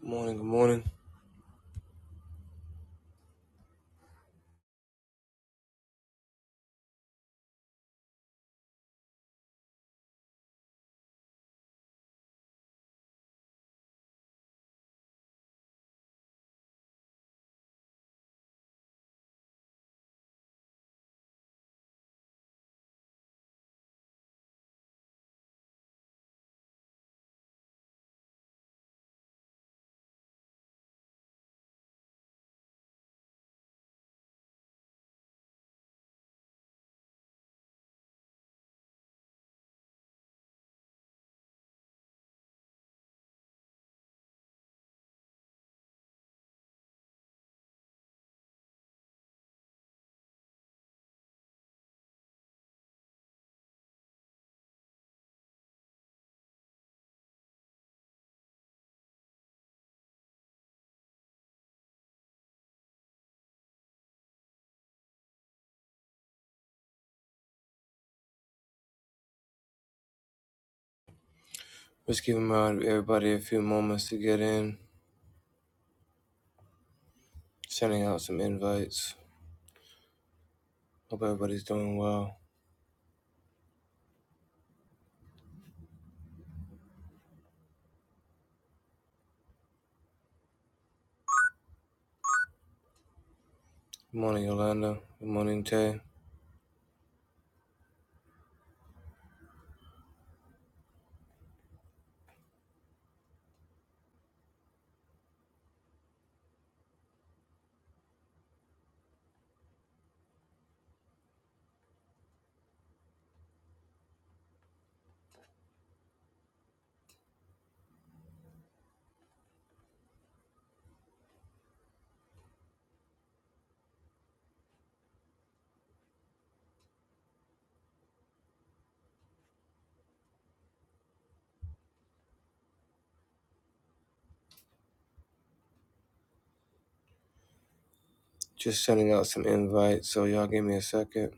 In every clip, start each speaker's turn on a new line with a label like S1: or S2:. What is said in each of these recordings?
S1: Good morning, good morning. Just giving my, everybody a few moments to get in, sending out some invites. Hope everybody's doing well. Good morning, Yolanda. Good morning, Tay. Just sending out some invites, so y'all give me a second.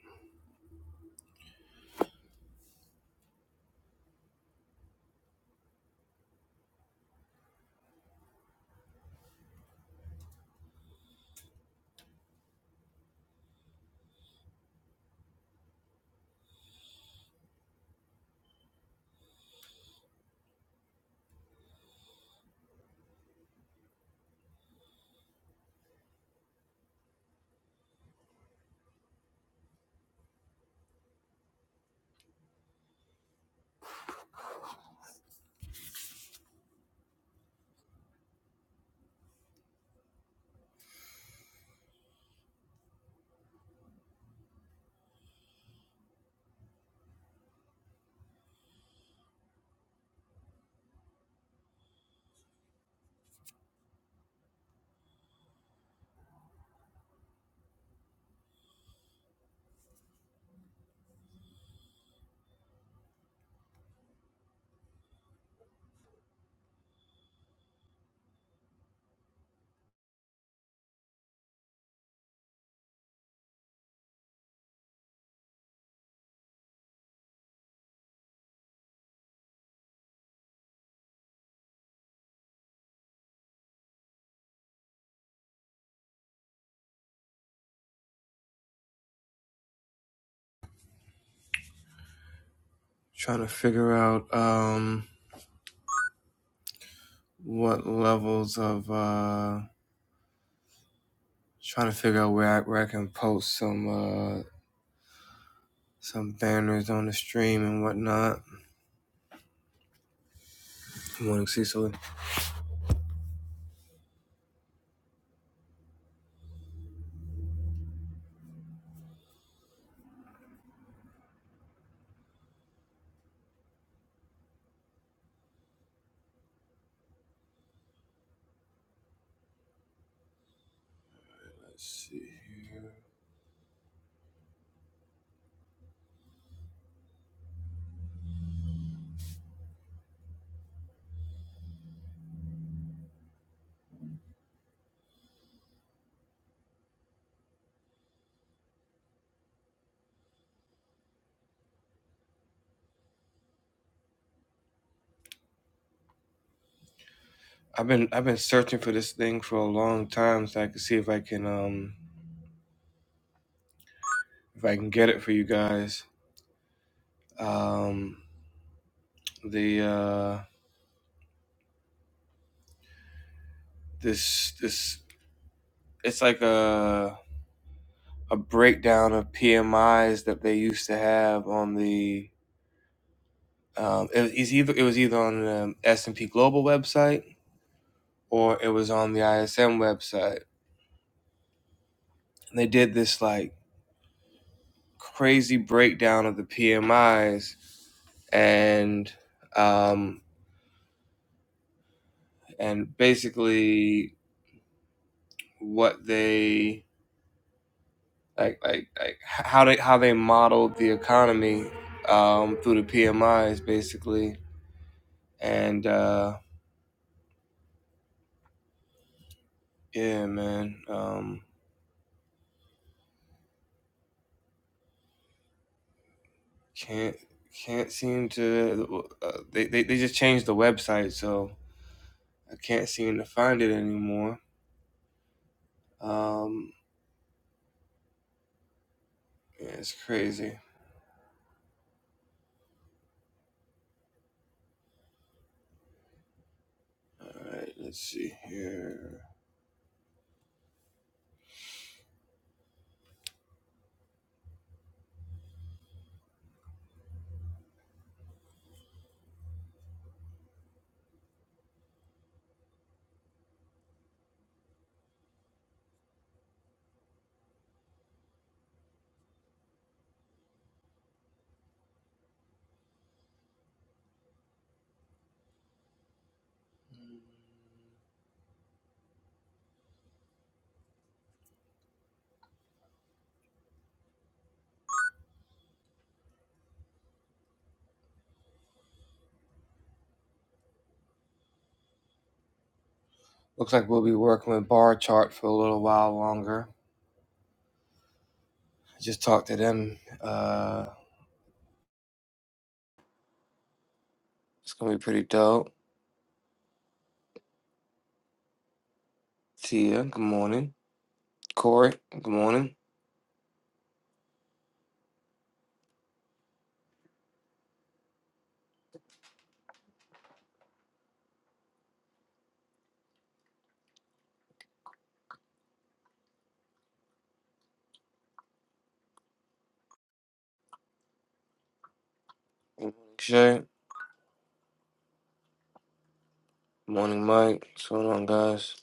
S1: Trying to figure out um what levels of uh trying to figure out where I, where I can post some uh some banners on the stream and whatnot. Good morning, Cecily. Let's see here. I've been I've been searching for this thing for a long time so I can see if I can um if I can get it for you guys. Um, the uh, this this it's like a a breakdown of PMIs that they used to have on the um, it was either it was either on the S and P Global website or it was on the ISM website. And they did this like crazy breakdown of the PMIs and um, and basically what they like like like how they how they modeled the economy um, through the PMIs basically, and uh, yeah, man, um, can't can't seem to uh, they, they they just changed the website, so I can't seem to find it anymore. Um, yeah, it's crazy. All right, let's see here. Looks like we'll be working with bar chart for a little while longer. I just talked to them. Uh, it's gonna be pretty dope. See ya. Good morning. Corey, good morning. Good morning, Shay. Good morning, Mike. What's going on, guys?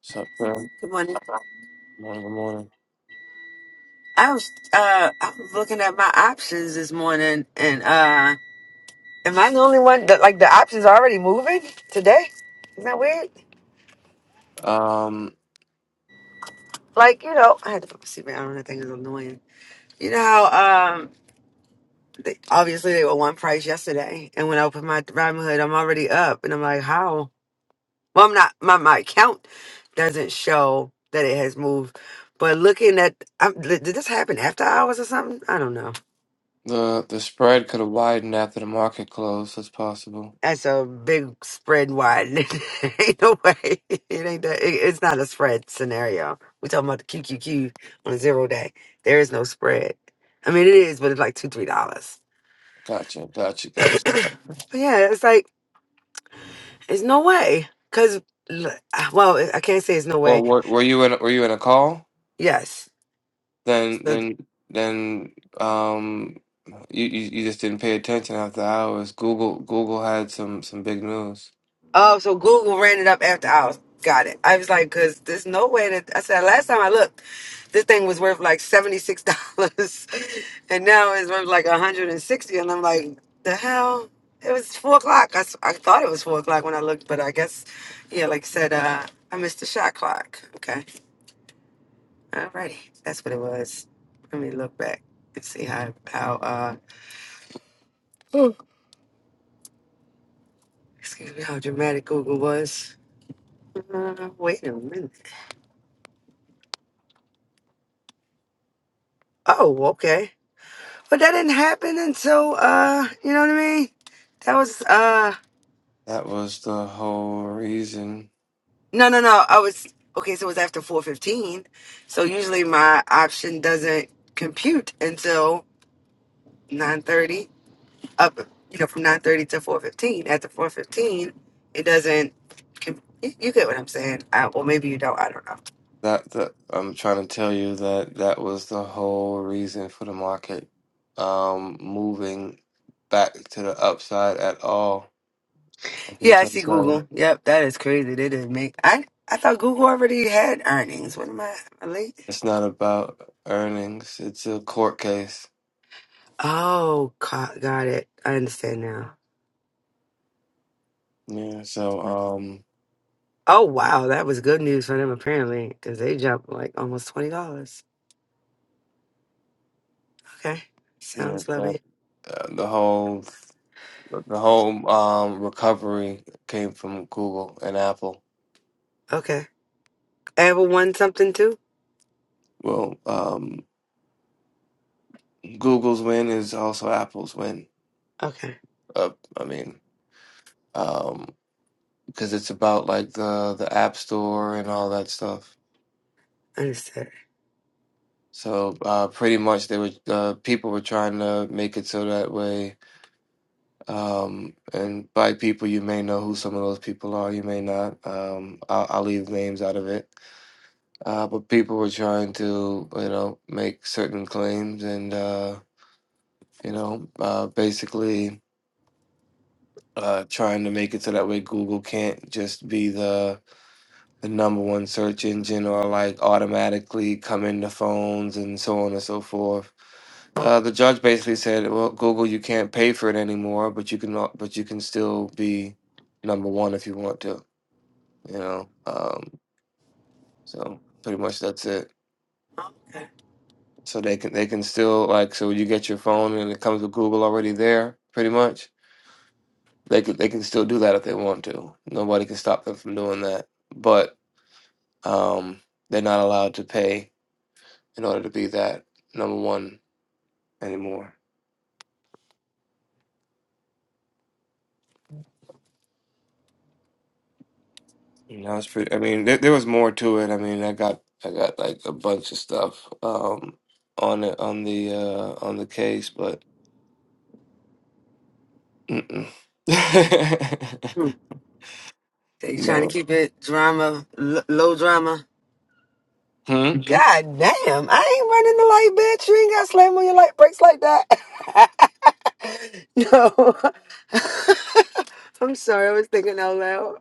S1: What's up, bro? Good
S2: Good morning.
S1: morning, good morning.
S2: I was uh I was looking at my options this morning and uh am I the only one that like the options are already moving today? Isn't that weird?
S1: Um,
S2: Like, you know, I had to put my seatbelt on, I think it's annoying. You know how um they, obviously they were one price yesterday and when I open my Robinhood, I'm already up and I'm like, How? Well I'm not my my account doesn't show that it has moved. But looking at, I'm, did this happen after hours or something? I don't know.
S1: the the spread could have widened after the market closed. That's possible.
S2: That's a big spread wide. ain't no way. It ain't that. It, it's not a spread scenario. We're talking about the QQQ on a zero day. There is no spread. I mean, it is, but it's like two, three dollars.
S1: Gotcha, gotcha, gotcha.
S2: but yeah, it's like it's no way. Cause l- well, I can't say it's no way.
S1: Well, were, were you in were you in a call?
S2: Yes,
S1: Then then then um, you, you you just didn't pay attention after hours. Google Google had some some big news.
S2: Oh, so Google ran it up after hours. Got it. I was like, because there's no way that I said last time I looked, this thing was worth like seventy six dollars, and now it's worth like a hundred and sixty. And I'm like, the hell. It was four o'clock. I, s- I thought it was four o'clock when I looked, but I guess, yeah, like I said, uh, I missed the shot clock. Okay, alrighty, that's what it was. Let me look back and see how how uh, excuse me how dramatic Google was. Uh, wait a minute. Oh, okay. but that didn't happen until uh you know what i mean that was uh
S1: That was the whole reason.
S2: no no no i was okay so it was after 4.15 so usually my option doesn't compute until 9.30 up you know from 9.30 to 4.15 after 4.15 it doesn't com- you you get what i'm saying I, or maybe you don't i don't know
S1: That that I'm trying to tell you that that was the whole reason for the market um moving back to the upside at all. I've been
S2: yeah i
S1: trying
S2: see
S1: to tell you.
S2: google yep that is crazy they didn't make i i thought google already had earnings what am i am I late
S1: It's not about earnings. It's a court case.
S2: oh co- got it i understand now
S1: Yeah. So um,
S2: Oh wow, that was good news for them apparently, because they jumped like almost twenty dollars. Okay,
S1: yeah,
S2: sounds
S1: but,
S2: lovely.
S1: uh, the whole the whole um recovery came from Google and Apple.
S2: Okay, ever won something too?
S1: Well, um, Google's win is also Apple's win.
S2: Okay,
S1: Uh, I mean. um. because it's about like the the App Store and all that stuff.
S2: understood.
S1: So uh, pretty much, they were uh, people were trying to make it so that way. Um, and by people, you may know who some of those people are. You may not. Um, I'll, I'll leave names out of it. Uh, but people were trying to, you know, make certain claims and uh, you know, uh, basically uh, trying to make it so that way Google can't just be the the number one search engine or like automatically come into phones and so on and so forth. Uh, the judge basically said, "Well, Google, you can't pay for it anymore, but you can, al- but you can still be number one if you want to." You know, um, so pretty much that's it.
S2: Okay,
S1: So they can they can still like so you get your phone and it comes with Google already there, pretty much. They can they can still do that if they want to. Nobody can stop them from doing that, but um, they're not allowed to pay in order to be that number one anymore. You know, it's pretty. I mean, there, there was more to it. I mean, I got I got like a bunch of stuff um, on it on the uh, on the case, but mm-mm.
S2: hmm. they trying to
S1: no.
S2: keep it drama, l- low drama.
S1: Hmm.
S2: God damn, I ain't running the light, bitch. You ain't got to slam on your light brakes like that. no, I'm sorry, I was thinking out loud.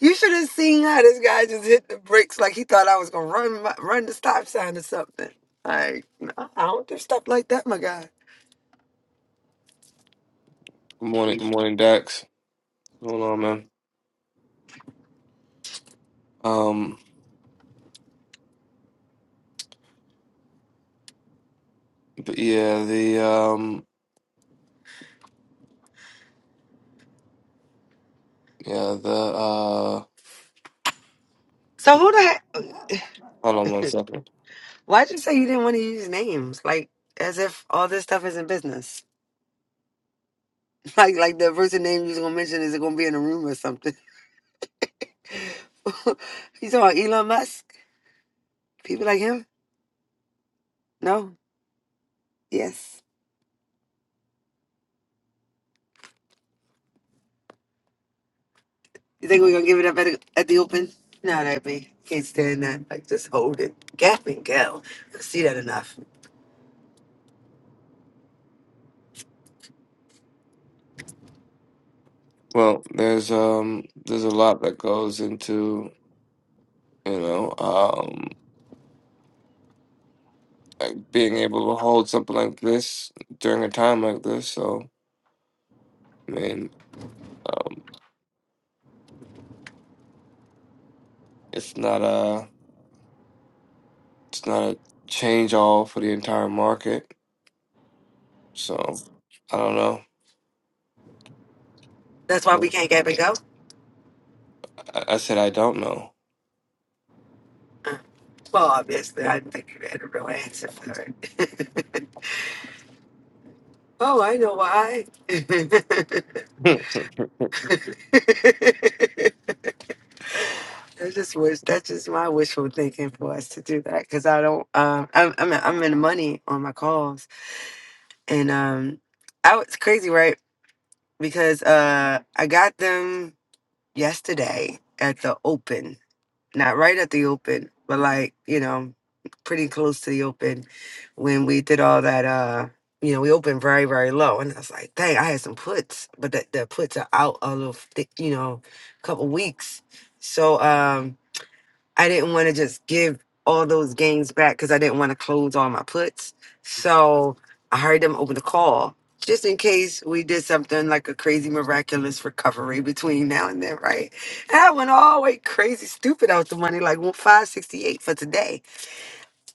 S2: You should have seen how this guy just hit the brakes like he thought I was gonna run my, run the stop sign or something. Like, no, I don't do stuff like that, my guy.
S1: Good morning. Good morning, Dax. What's going on, man? Um. But yeah, the um. Yeah, the uh.
S2: So who the
S1: Hold on one
S2: heck?
S1: second.
S2: Why'd you say you didn't want to use names? Like, as if all this stuff is in business. Like, like the person name you was gonna mention is gonna be in a room or something. you talking about Elon Musk? People like him? No. Yes. You think we're gonna give it up at, the- at the open? No, that be can't stand that. Like, just hold it. Gap and go. I see that enough.
S1: Well, there's um. There's a lot that goes into you know. um. being able to hold something like this during a time like this. So, I mean, um, it's not a it's not a change all for the entire market. So, I don't know.
S2: That's why we can't get up and go?
S1: I, I said I don't know.
S2: Well, obviously, I didn't think you had a real answer for it. oh, I know why. That's just wish. That's just my wishful thinking for us to do that because I don't. Um, I'm I'm I'm in the money on my calls, and um, I was crazy right because uh I got them yesterday at the open not right at the open, but like, you know, pretty close to the open when we did all that uh you know, we opened very, very low. And I was like, dang, I had some puts, but that the puts are out a little the, you know, couple weeks. So um I didn't want to just give all those gains back because I didn't want to close all my puts. So I heard them open the call just in case we did something like a crazy miraculous recovery between now and then, right? And I went all the way crazy stupid out the money, like well, 568 for today.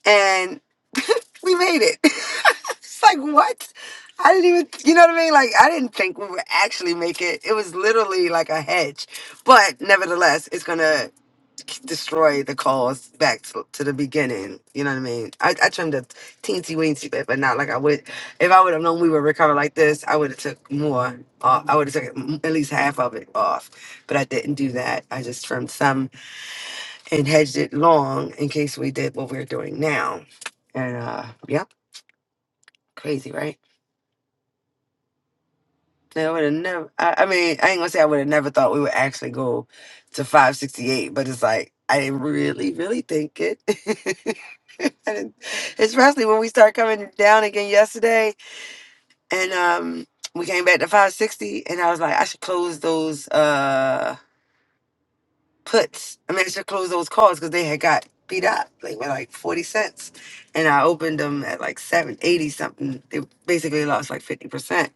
S2: And we made it. it's like what? I didn't even you know what I mean? Like I didn't think we would actually make it. It was literally like a hedge. But nevertheless, it's gonna destroy the cause back to, to the beginning. You know what I mean? I, I trimmed a teensy weensy bit, but not like I would. If I would have known we would recover like this, I would have took more. Uh, I would have took m- at least half of it off, but I didn't do that. I just trimmed some and hedged it long in case we did what we're doing now. And uh, yep, crazy, right? Yeah, I would have never. I, I mean, I ain't gonna say I would have never thought we would actually go to five sixty eight, but it's like I didn't really, really think it. I didn't- Especially when we started coming down again yesterday, and um, we came back to five sixty, and I was like, I should close those uh puts. I mean, I should close those calls because they had got beat up like with like forty cents, and I opened them at like seven eighty something. They basically lost like fifty percent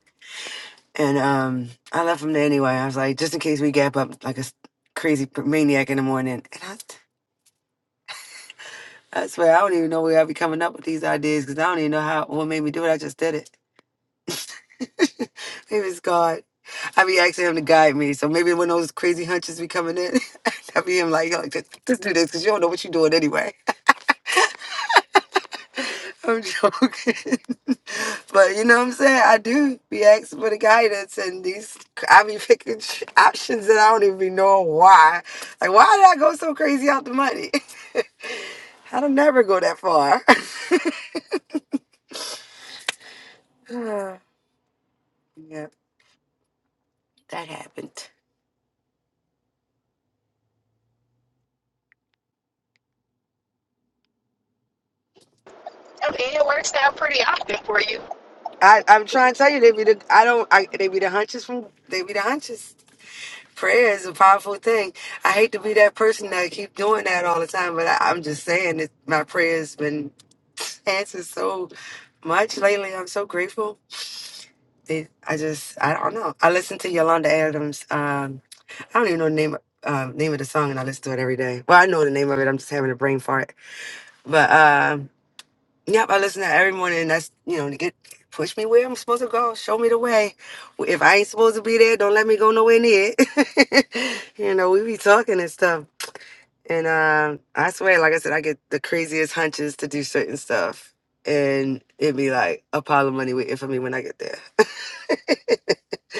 S2: and um, I left him there anyway. I was like, just in case we gap up like a s- crazy p- maniac in the morning. And I, I swear, I don't even know where I be coming up with these ideas because I don't even know how what made me do it. I just did it. maybe it's God. I be asking him to guide me. So maybe when those crazy hunches be coming in, I be him like, yo, just, just do this because you don't know what you're doing anyway. I'm joking. but you know what I'm saying? I do be asking for the guidance and these I be picking sh- options that I don't even be knowing why. Like why did I go so crazy out the money? I don't never go that far. Uh, yeah, that happened.
S3: I mean, it works out pretty often for you.
S2: I, I'm trying to tell you, they be the I don't I they be the hunches from they be the hunches. Prayer is a powerful thing. I hate to be that person that keep doing that all the time, but I, I'm just saying that my prayer's been answered so Much lately, I'm so grateful. They, I just, I don't know. I listen to Yolanda Adams. Um, I don't even know the name of- um, name of the song, and I listen to it every day. Well, I know the name of it. I'm just having a brain fart. But um, yep, I listen to it every morning. And that's you know to get push me where I'm supposed to go, show me the way. If I ain't supposed to be there, don't let me go nowhere near it. you know, we be talking and stuff, and um, I swear, like I said, I get the craziest hunches to do certain stuff. And it'd be like a pile of money waiting for me when I get there.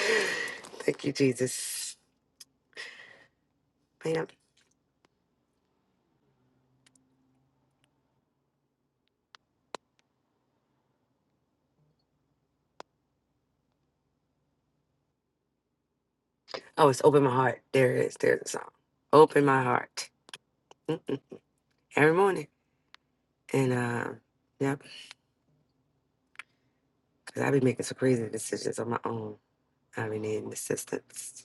S2: Thank you, Jesus. Man. Oh, it's open my heart. There it is. There's the song. Open my heart. Mm-mm. Every morning. And um, yep, because I be making some crazy decisions on my own. I be needing assistance.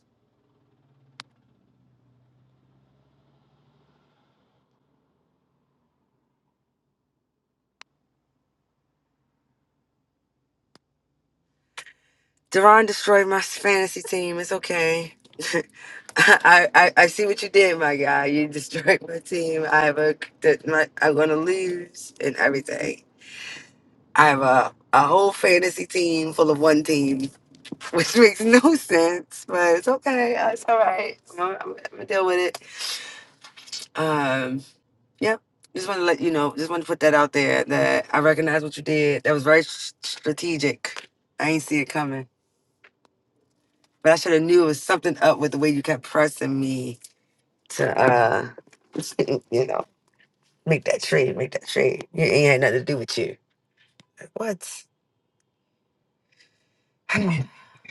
S2: Deron destroyed my fantasy team. It's okay. I, I I see what you did, my guy. You destroyed my team. I have a that my I'm gonna lose and everything. I have a a whole fantasy team full of one team, which makes no sense, but it's okay. Uh, It's all right. I'm, gonna- I'm, gonna deal with it. Um, yep. Just want to let you know. Just want to put that out there that I recognize what you did. That was very s- strategic. I ain't see it coming. But I should have knew it was something up with the way you kept pressing me to, uh, you know, make that trade, make that trade. It ain't had nothing to do with you. Like, what?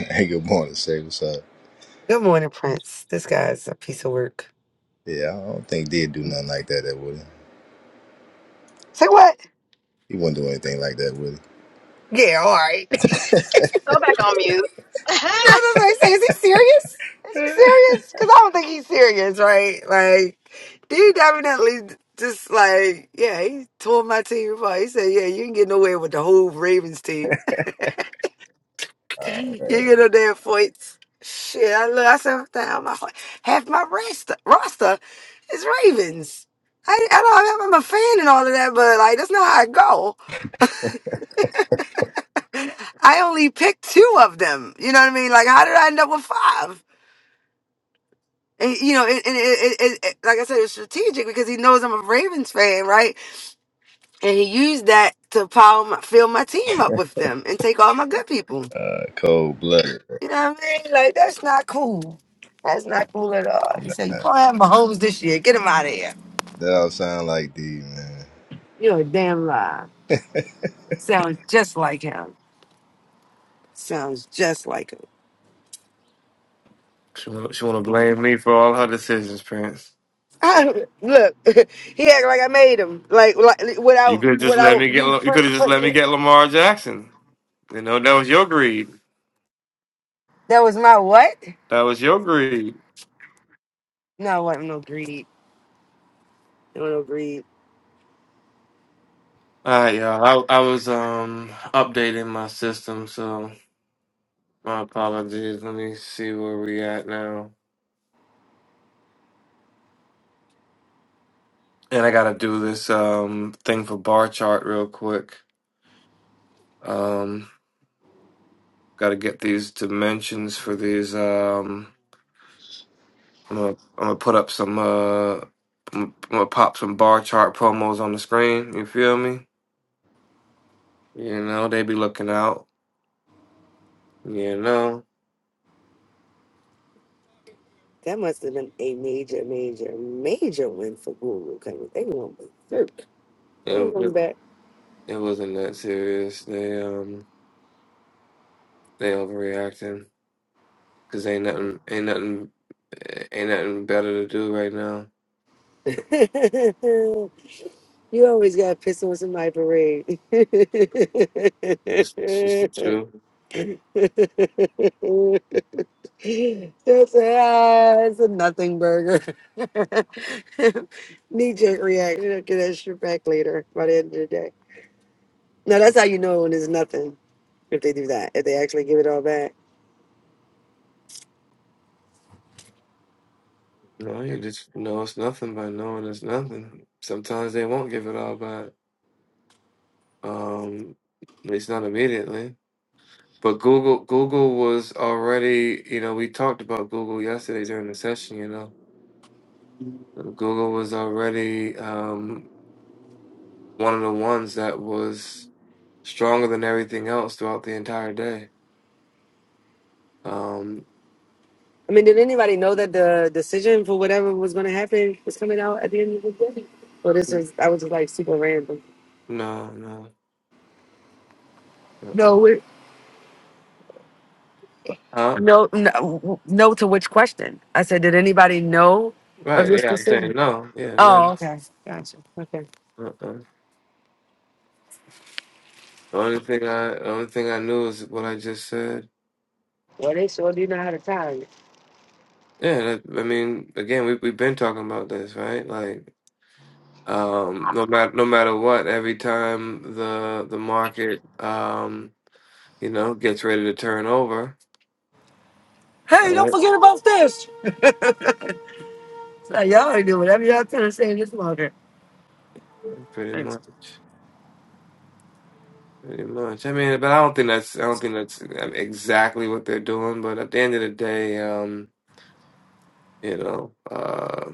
S4: Hey, good morning, say what's up?
S2: Good morning, Prince. This guy's a piece of work.
S4: Yeah, I don't think did do nothing like that, that would he?
S2: Say what?
S4: He wouldn't do anything like that, would
S2: Yeah, all right. That's
S3: Go back on mute.
S2: what I was like, say, is he serious? Is he serious? Because I don't think he's serious, right? Like, dude definitely just like, yeah, he told my team apart. He said, yeah, you can get nowhere with the whole Ravens team. You get up there and fights. Shit, I look. I said, damn, my, half my roster, roster is Ravens. I, I don't. I'm a fan and all of that, but like that's not how I go. I only picked two of them. You know what I mean? Like, how did I end up with five? And you know, and, and it, it, it, it- like I said, it's strategic because he knows I'm a Ravens fan, right? And he used that to power my, fill my team up with them and take all my good people.
S4: he? Uh, cold blooded.
S2: You know what I mean? Like that's not cool. That's not cool at all. You
S4: Nah,
S2: say you gonna have Mahomes this year. Get him out of here.
S4: that all sound like D, man.
S2: You're a damn lie. Sounds just like him. Sounds just like
S1: she want she want to
S2: him.
S1: blame me for all her decisions, Prince.
S2: I, don't- look, he act like I made him. Like, like
S1: You
S2: without
S1: could have just let
S2: without
S1: me get
S2: you.
S1: La- you
S2: pre-
S1: could have just let
S2: pre-
S1: me get Lamar Jackson. You know that was your greed.
S2: That was my what?
S1: That was your greed.
S2: No, it wasn't no greed. No, no greed.
S1: All right, y'all. I, I was um updating my system, so. My apologies. Let me see where we at now. And I gotta do this um thing for bar chart real quick. Um, gotta get these dimensions for these. Um, I'm gonna I'm gonna put up some uh, I'm gonna pop some bar chart promos on the screen. You feel me? You know they be looking out. You know
S2: That must have been a major, major, major win for Google because they won with Dirk. They ain't
S1: it
S2: coming
S1: it wasn't that serious. They um they overreacting because ain't nothing ain't nothing eh, ain't nothing better to do right now.
S2: back. You always got pissed on somebody parade. That's
S1: It's, it's just the truth.
S2: a, ah, it's a nothing burger. Knee jerk reaction. I'll get that shit back later by the end of the day. Now
S1: I,
S2: that's how you know when it's nothing if they do that. If they actually give it all back.
S1: no, you just know it's nothing by knowing it's nothing. Sometimes they won't give it all back. Um, at least not immediately. But Google, Google was already, you know, we talked about Google yesterday during the session. You know, Google was already um, one of the ones that was stronger than everything else throughout the entire day. Um,
S2: I mean, did anybody know that the decision for whatever was going to happen was coming out at the end of the day? Well, this is. I was like super random.
S1: no, no, uh-uh.
S2: No.
S1: huh?
S2: No, no, no to which question? I said, did anybody know of
S1: Right?
S2: this
S1: Yeah, I'm saying
S2: decision?
S1: no. Yeah,
S2: Oh,
S1: no.
S2: okay. Gotcha. Okay.
S1: Uh-uh. The only thing I, the only thing I knew is what I just said.
S2: Well, they sure do know how to time it.
S1: Yeah, that, I mean, again, we we've been talking about this, right? Like, um, no matter no matter what, every time the the market, um, you know, gets ready to turn over, all
S2: Hey, don't
S1: right?
S2: forget about this. Like, y'all already do whatever y'all trying to say in this market.
S1: Pretty
S2: Thanks.
S1: much, pretty much. I mean, but I don't think that's I don't think that's um, exactly what they're doing. But at the end of the day, um, you know, uh,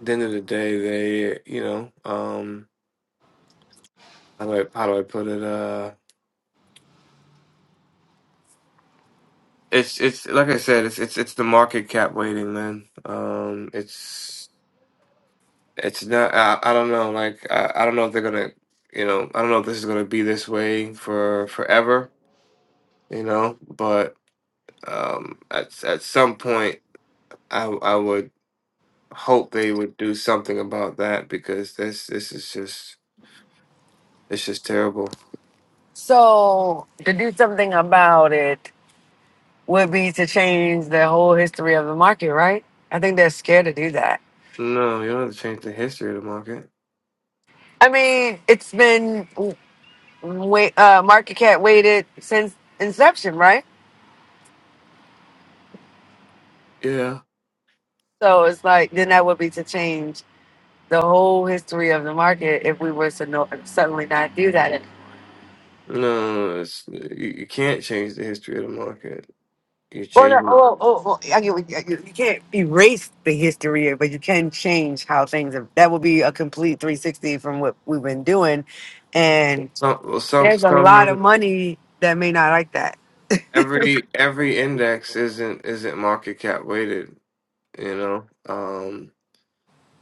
S1: at the end of the day, they, you know, um, how do I how do I put it? uh, It's it's like I said, it's it's it's the market cap waiting, man. Um, it's it's not. I, I don't know. Like I, I don't know if they're gonna, you know, I don't know if this is gonna be this way for forever, you know. But um, at at some point, I I would hope they would do something about that because this this is just it's just terrible.
S2: So, to do something about it would be to change the whole history of the market, right? I think they're scared to do that.
S1: No, you don't have to change the history of the market.
S2: I mean, it's been w- wait, uh, market cap weighted since inception, right?
S1: Yeah.
S2: So it's like, then that would be to change the whole history of the market if we were to no, suddenly not do that.
S1: No, it's you, you can't change the history of the market. You
S2: Or no.
S1: change.
S2: oh, oh, oh, oh, I get what you, you you can't erase the history, but you can change how things have. That would be a complete 360 from what we've been doing. And
S1: Some well, some
S2: there's a lot of
S1: some
S2: money that may not like that.
S1: every every index isn't isn't market cap weighted, you know. Um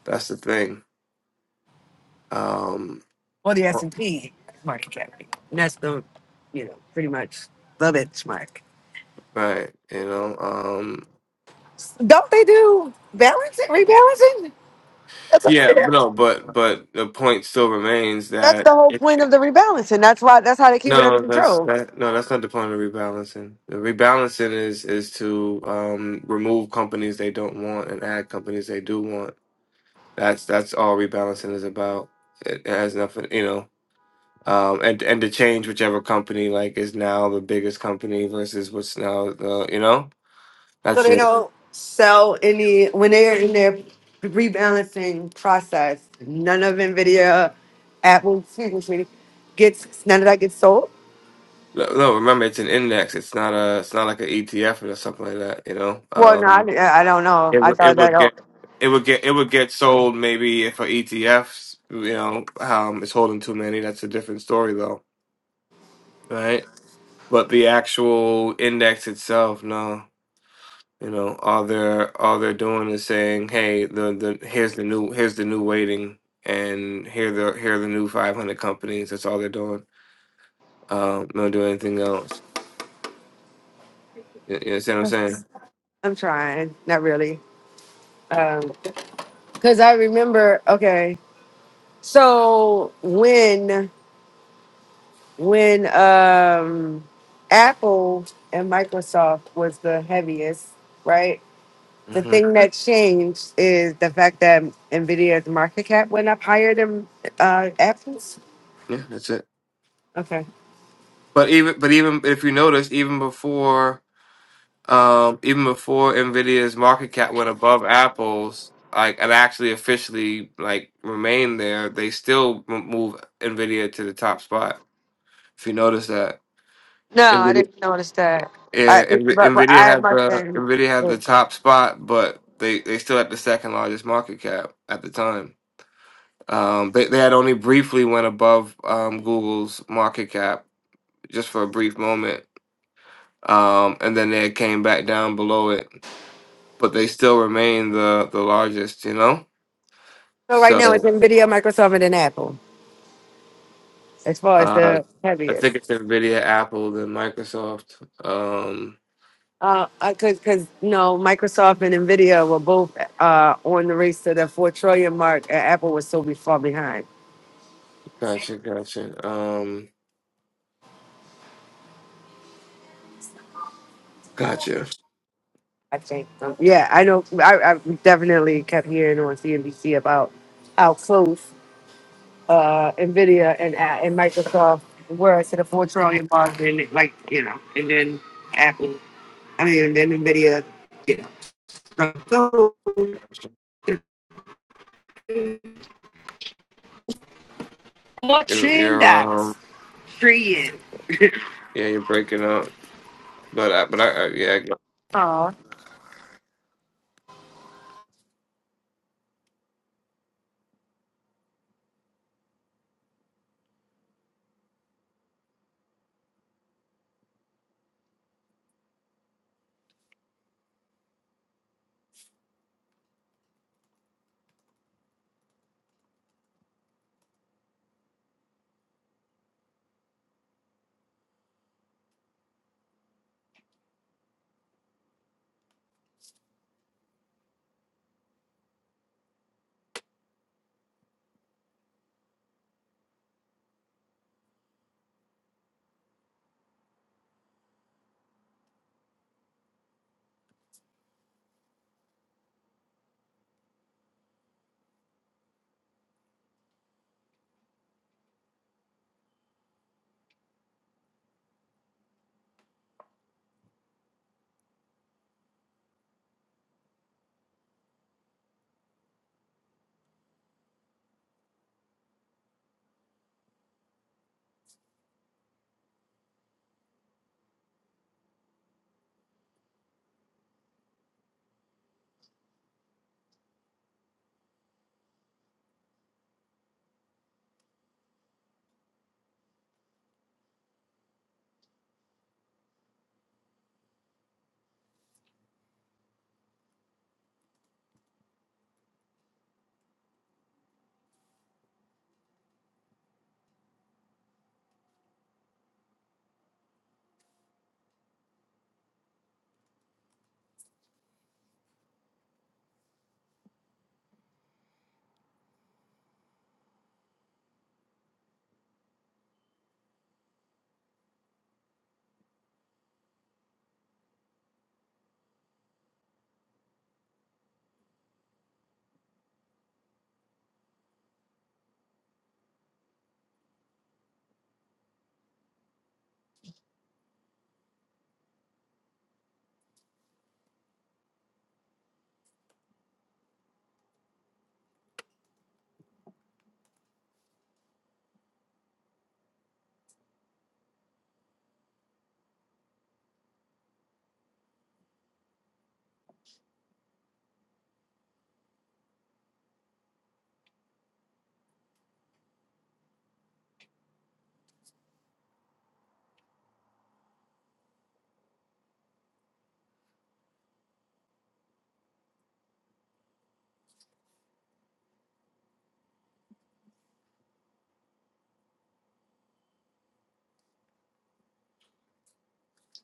S1: that's the thing. Um
S2: Well, the S&P market cap. And that's the, you know, pretty much the benchmark.
S1: right, you know. Um
S2: Don't they do balancing, rebalancing? That's all they
S1: yeah,
S2: do.
S1: but no, but but the point still remains
S2: That's
S1: that
S2: the whole
S1: it,
S2: point of the rebalancing. That's why that's how they keep it under
S1: no, that's
S2: control.
S1: that no, that's not the point of rebalancing. The rebalancing is is to um remove companies they don't want and add companies they do want. That's that's all rebalancing is about. It has nothing, you know um, and and to change whichever company like is now the biggest company versus what's now the you know
S2: So
S1: that's
S2: they
S1: it.
S2: don't sell any when they're in their rebalancing process. None of Nvidia, Apple, excuse me, gets none of that gets sold.
S1: No, no, remember it's an index. It's not a it's not like an ETF or something like that. You know,
S2: Well, no,
S1: um,
S2: I, I don't know.
S1: it
S2: I
S1: would
S2: thought
S1: it
S2: that.
S1: would
S2: Oh,
S1: get it would get it would get sold maybe if an ETF you know um, is holding too many. That's a different story though, right? But the actual index itself, no. You know, all they're all they're doing is saying, "Hey, the the here's the new here's the new waiting, and here the here are the new 500 companies." That's all they're doing. Um, don't do anything else. You, you understand what I'm saying?
S2: I'm trying. Not really. Um, Because I remember. Okay, so when when um Apple and Microsoft was the heaviest, right? The
S1: hmm
S2: thing that changed is the fact that Nvidia's market cap went up higher than uh, Apple's.
S1: Yeah, that's it.
S2: Okay.
S1: But even but even if you notice, even before um even before Nvidia's market cap went above Apple's, like and actually officially like remained there, they still m- move Nvidia to the top spot. If you notice that.
S2: No, I didn't notice that. I,
S1: Yeah, Nv-
S2: but, but
S1: Nvidia
S2: I
S1: had
S2: must
S1: the
S2: have.
S1: Nvidia had
S2: So
S1: the top spot, but they they still had the second largest market cap at the time. Um, they they had only briefly went above um, Google's market cap just for a brief moment, um, and then they came back down below it. But they still remain the the largest, you know.
S2: right now it's
S1: So
S2: Nvidia, Microsoft, and then Apple as far as
S1: uh,
S2: the
S1: I
S2: heaviest.
S1: think it's Nvidia, Apple, then Microsoft. Um,
S2: Uh, because because no, Microsoft and Nvidia were both uh on the race to the four trillion mark, and Apple was so be- far behind.
S1: gotcha, gotcha, um, gotcha.
S2: I think. Um, yeah, I know. I, I definitely kept hearing on CNBC about how close. uh, Nvidia and A- and Microsoft were to the four trillion mark, then like you know, and then Apple. I mean, and then Nvidia, you know, so
S1: You're
S2: watching
S1: you're um
S2: dollars, three years.
S1: yeah, you're breaking up. But I, but I, I yeah, I-
S2: Aw,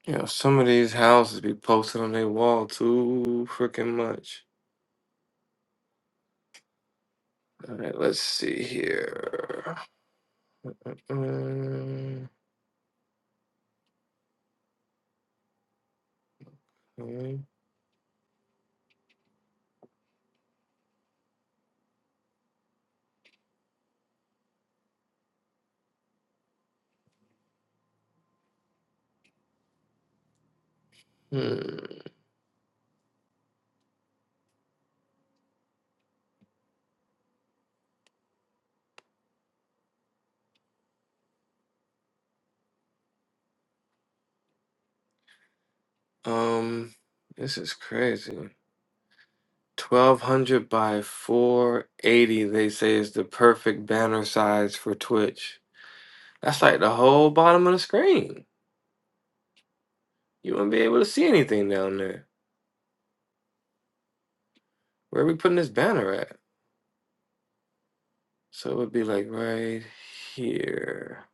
S1: yeah. Some of these houses be posted on their wall too freaking much. All right, let's see here. Um, hmm. Um, this is crazy. Twelve hundred by four eighty. They say is the perfect banner size for Twitch. That's like the whole bottom of the screen. You wouldn't be able to see anything down there. Where are we putting this banner at? So it would be like right here.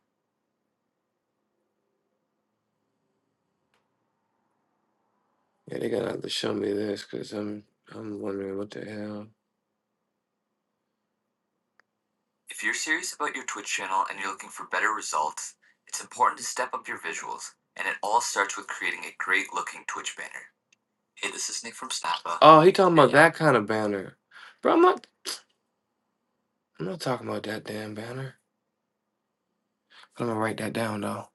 S1: Yeah, they gotta have to show me this because I'm I'm wondering what the hell. If you're serious about your Twitch channel and you're looking for better results, it's important to step up your visuals, and it all starts with creating a great looking Twitch banner. Hey, this is Nick from Snappa. Oh, he talking about that kind of banner, bro. I'm not I'm not talking about that damn banner. I'm gonna write that down though.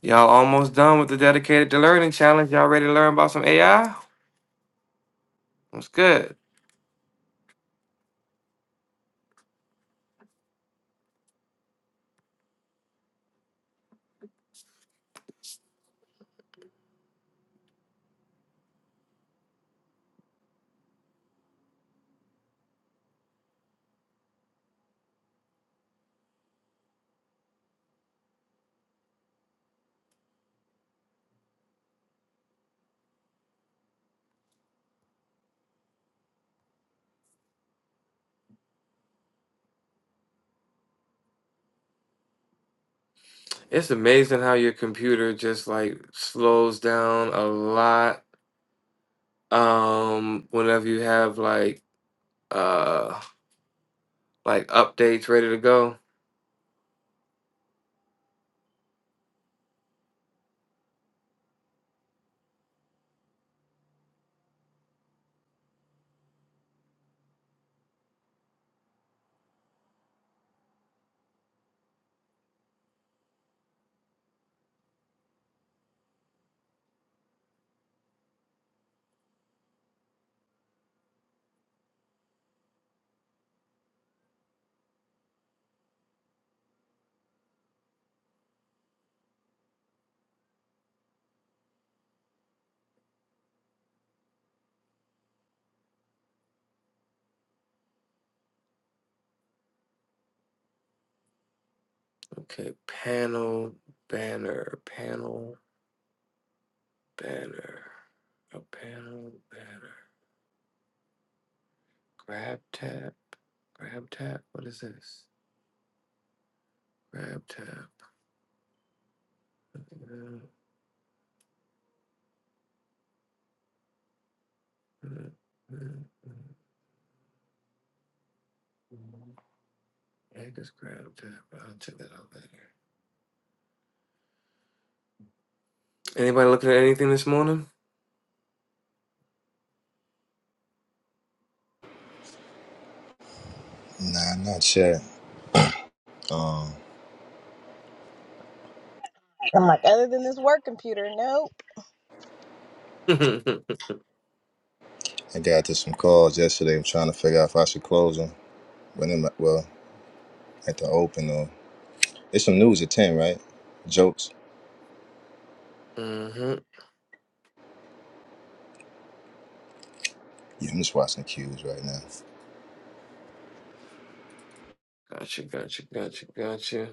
S1: Y'all almost done with the dedicated to learning challenge. Y'all ready to learn about some AI? What's good? It's amazing how your computer just like slows down a lot Um, whenever you have like uh like updates ready to go. Okay, panel banner, panel banner, a panel banner. Grab tab, grab tab. What is this? Grab tab. Mm-hmm. I just grab tab. I'll check that out later. Anybody looking at anything this morning?
S4: Nah, not sure. Um,
S1: mm-hmm.
S4: I got to some calls yesterday. I'm trying to figure out if I should close them. When am I, well, at the open or there's some news at ten, right? Jokes. Yeah, I'm just watching the cues right now.
S1: Gotcha, gotcha, gotcha, gotcha.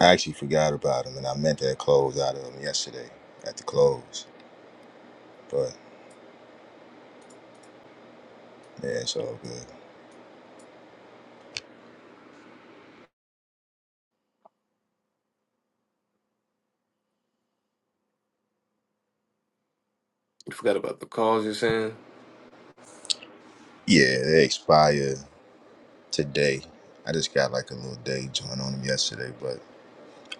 S4: I actually forgot about them, and I meant to close out of them yesterday at the close, but yeah, it's all good.
S1: You forgot about the calls you're saying?
S4: Yeah, they expired. today. I just got like a little day joint on him yesterday, but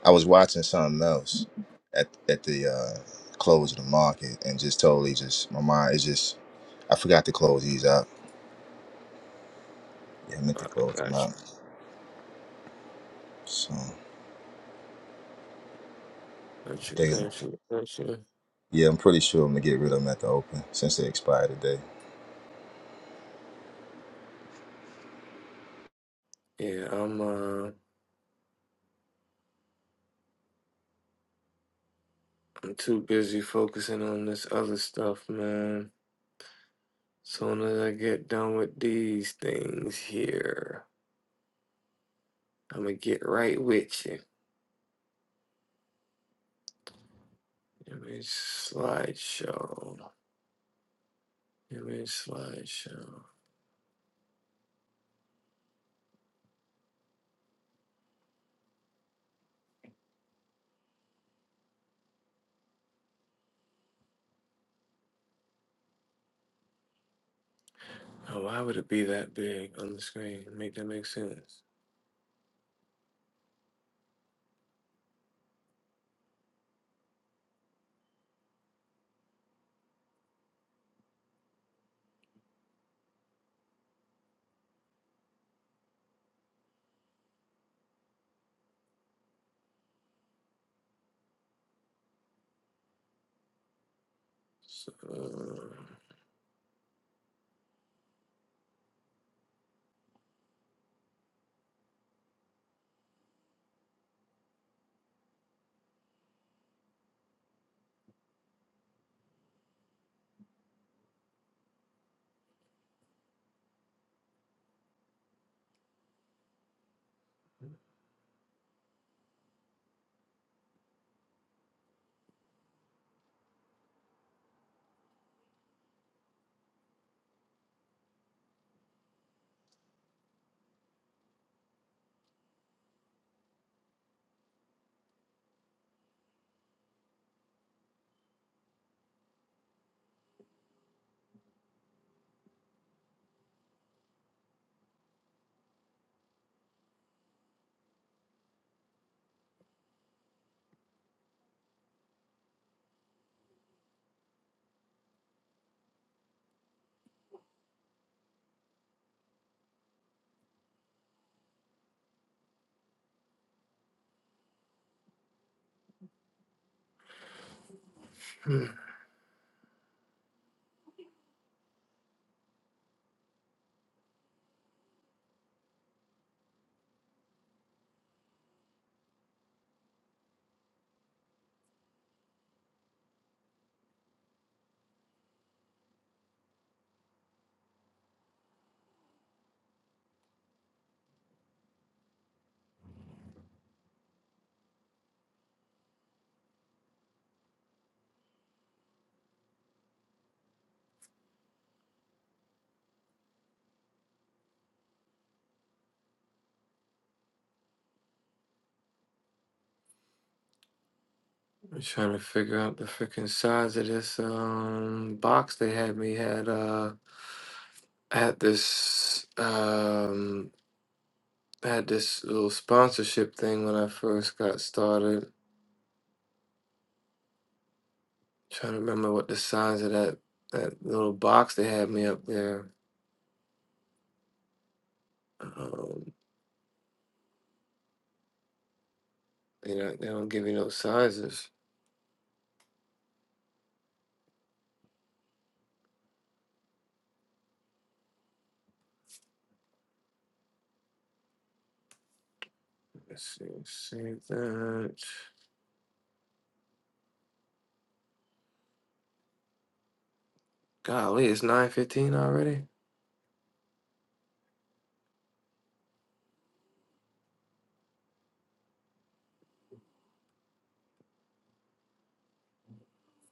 S4: I was watching something else at at the uh, close of the market and just totally just my mind is just I forgot to close these out. Yeah, I meant to
S1: I
S4: close them
S1: Got
S4: out.
S1: you,
S4: So I
S1: got you,
S4: think
S1: got you, got you.
S4: yeah, I'm pretty sure I'm gonna get rid of them at the open since they expire today.
S1: Yeah, I'm uh, I'm too busy focusing on this other stuff, man. Soon as I get done with these things here, I'm gonna get right with you. Give me a slideshow. Give me a slideshow. Oh, why would it be that big on the screen? Make that make sense. So, hmm, I'm trying to figure out the freaking size of this um box they had me had uh I had this um I had this little sponsorship thing when I first got started. trying to remember what the size of that that little box they had me up there. Um, they don't they don't give you no sizes. Let's see, save that. Golly, it's nine fifteen already.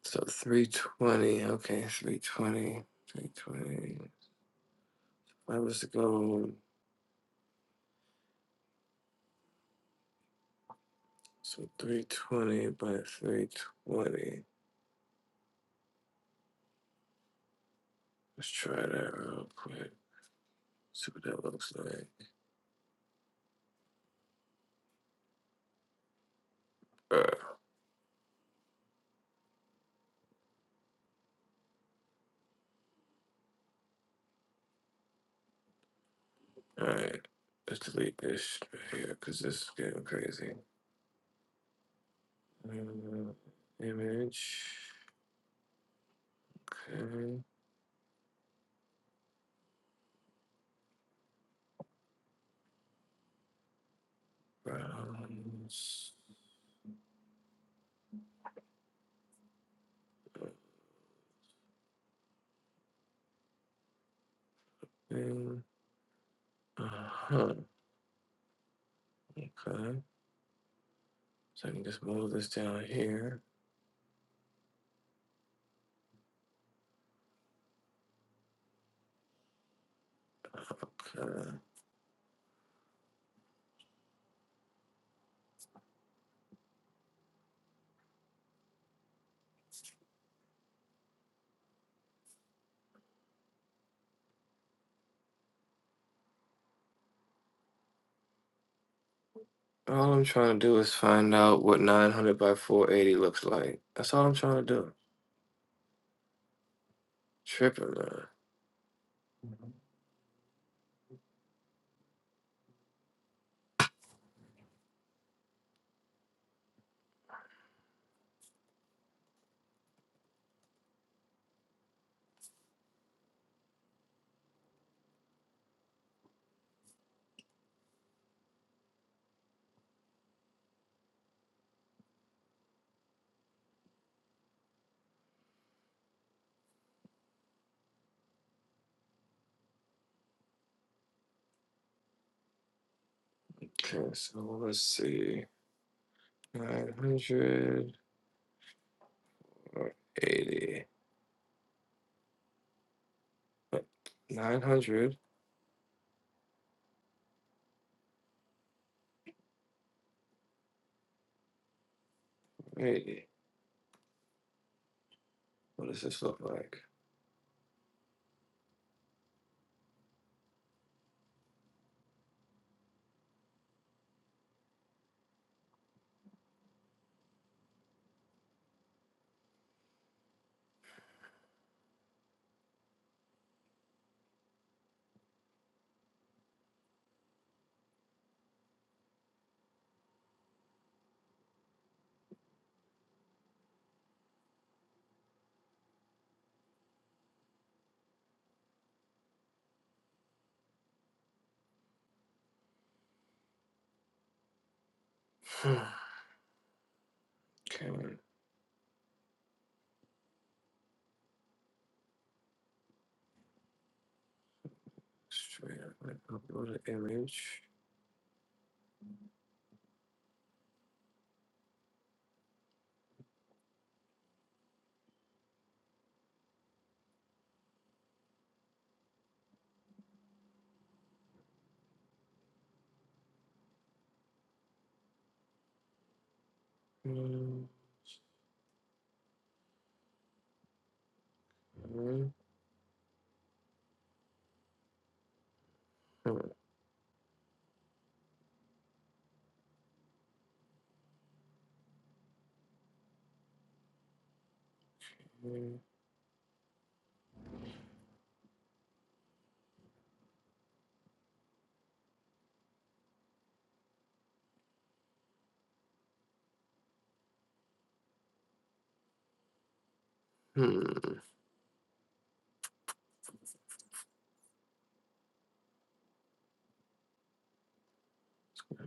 S1: So three twenty. Okay, three twenty. Three twenty. I was to go. So three twenty by three twenty. Let's try that real quick. See what that looks like. Uh, all right, let's delete this right here because this is getting crazy. Uh, image. Okay. Browns. Thing. Uh huh. Okay. So I can just move this down here. Okay. All I'm trying to do is find out what 900 by 480 looks like. That's all I'm trying to do. Tripping, man. Okay, so let's see. 900 or 80. Nine hundred. Wait, what does this look like? okay, Straight up, like, upload an image. Hmm. Hmm. Hmm. hmm.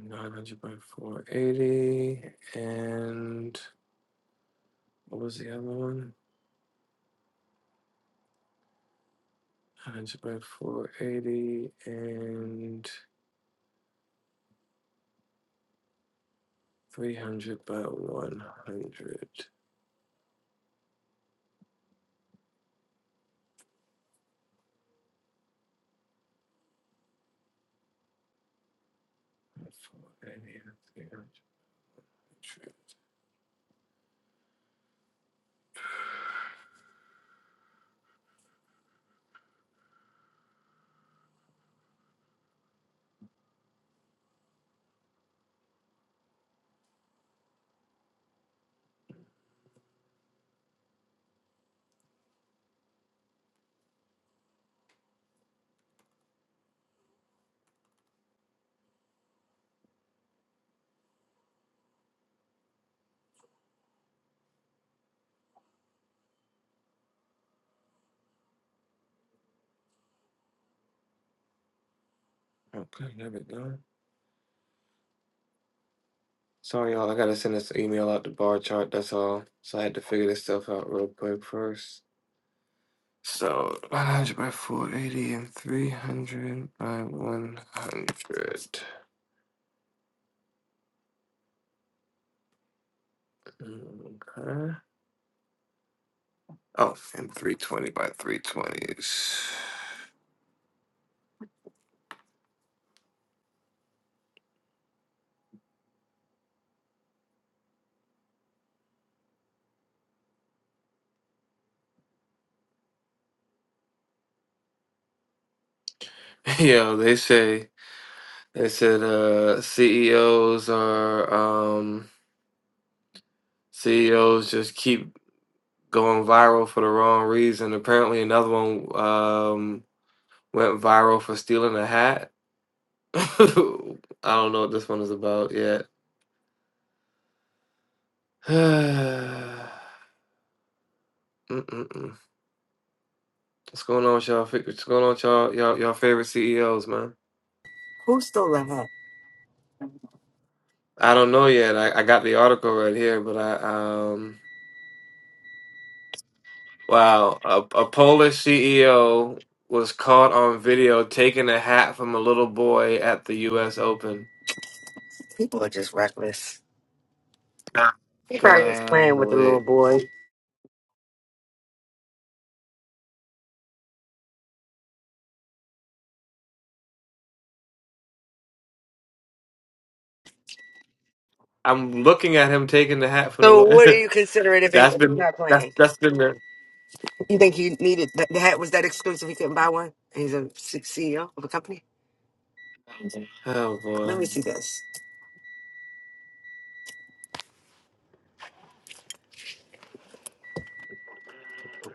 S1: 900 by 480 and what was the other one Nine hundred by 480 and 300 by 100 480 and 300 okay there we go Sorry, y'all. I gotta send this email out the bar chart. That's all. So I had to figure this stuff out real quick first. So 100 by 480 and 300 by 100. Okay. Oh, and 320 by 320s. Yo, they say they said uh CEOs are um CEOs just keep going viral for the wrong reason. Apparently, another one um went viral for stealing a hat. I don't know what this one is about yet. Mm-mm-mm. What's going on with y'all? fa- What's going on with y'all? Y'all, y'all favorite CEOs, man?
S2: Who stole that? hat?
S1: I don't know yet. I, I got the article right here, but I um wow, a, a Polish CEO was caught on video taking a hat from a little boy at the U.S. Open.
S2: People are just reckless. he probably was Playing with the little
S1: Golly,
S2: boy.
S1: I'm looking at him taking the hat from the
S2: So, what do
S1: little.
S2: you consider it if he-
S1: that's
S2: if he's
S1: been
S2: not
S1: that's
S2: playing?
S1: that's been there.
S2: You think he needed the, the hat? Was that exclusive? He couldn't buy one. He's a C- CEO of a company.
S1: Oh
S2: Let
S1: boy.
S2: me see this.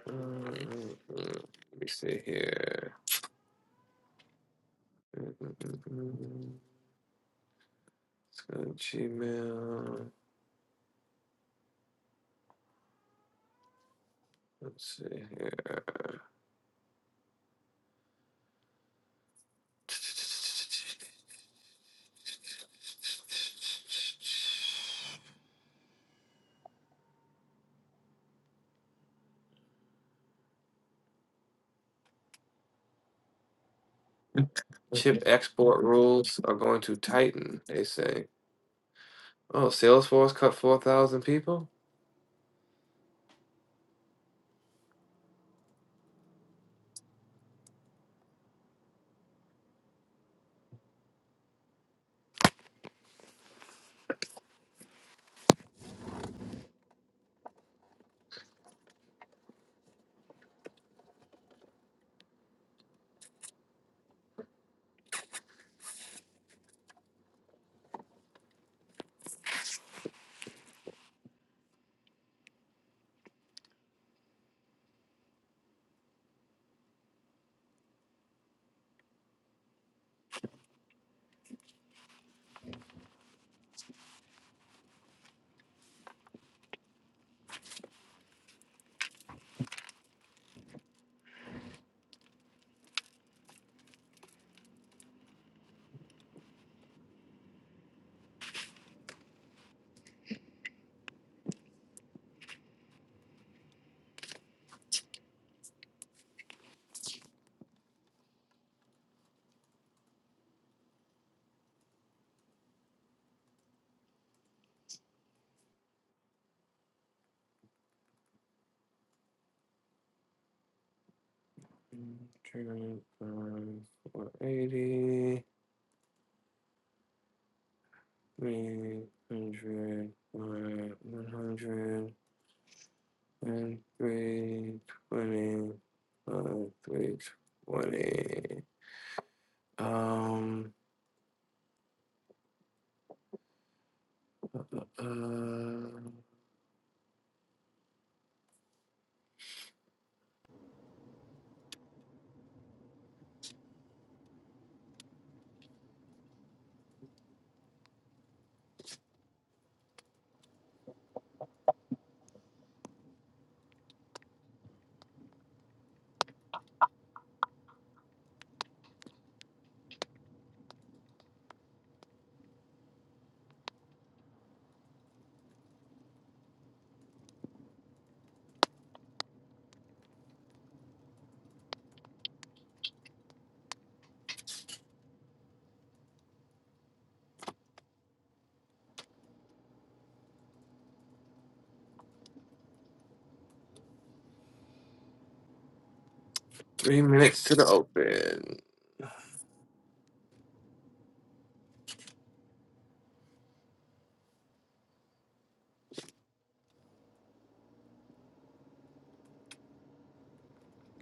S1: Mm, Let me see here. Mm-mm-mm-mm. Let's go to Gmail. Let's see here. Chip export rules are going to tighten, they say. Oh, Salesforce cut 4,000 people? Mm, 480, 300, 100. One, three, twenty. One, three, twenty. Um, uh, three minutes to the open.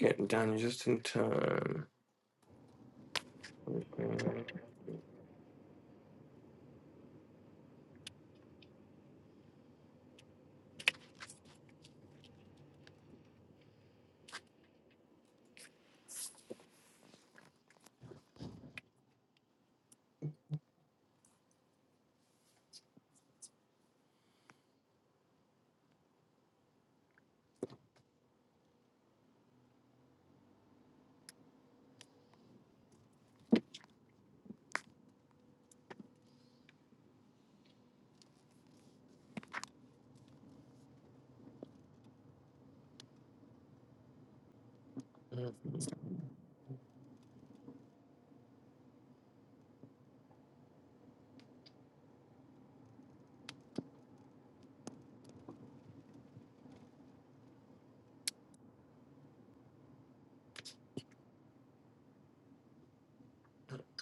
S1: Getting done just in time. Okay.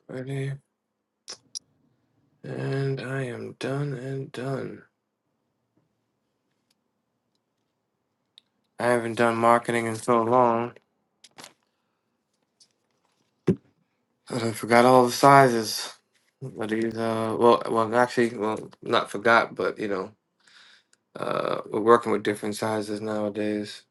S1: Ready? And I am done and done. I haven't done marketing in so long that I forgot all the sizes. But these, uh, well, well, actually, well, not forgot, but you know, uh, we're working with different sizes nowadays.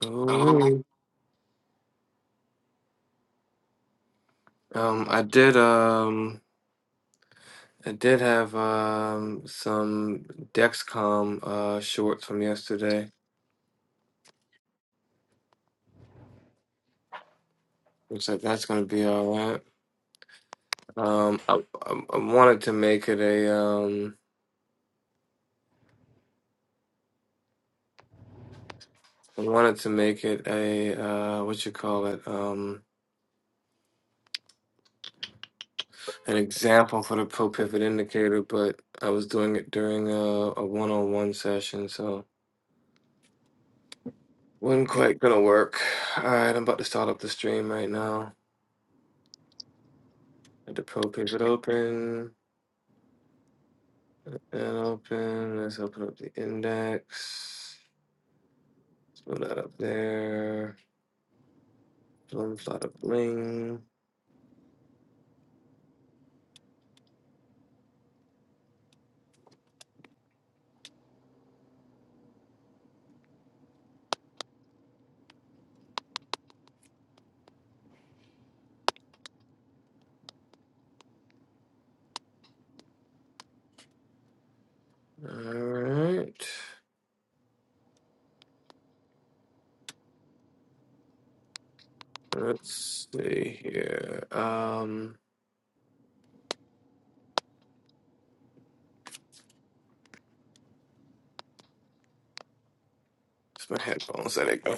S1: Oh, wait. Um, I did um I did have um some Dexcom uh shorts from yesterday. Looks like that's gonna be all right. Um, I, I I wanted to make it a um I wanted to make it a uh what you call it um an example for the pro pivot indicator, but I was doing it during a a one on one session, so wasn't quite gonna work. All right, I'm about to start up the stream right now. Get the pro pivot open. And open, let's open up the index. Let's move that up there. Bling, flat up, bling. All right. Let's see here. Um, it's my headphones. There they go.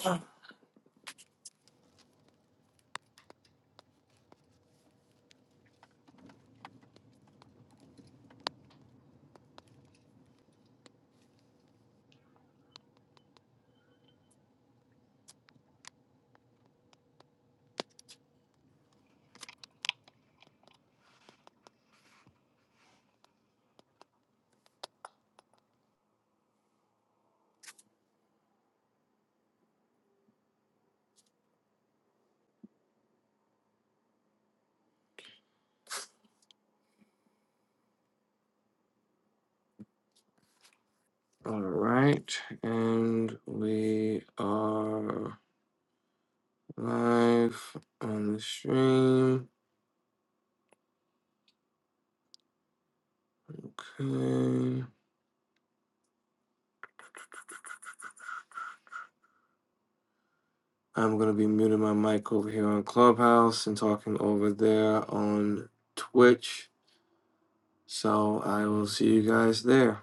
S1: All right. And we are live on the stream. Okay. I'm going to be muting my mic over here on Clubhouse and talking over there on Twitch. So I will see you guys there.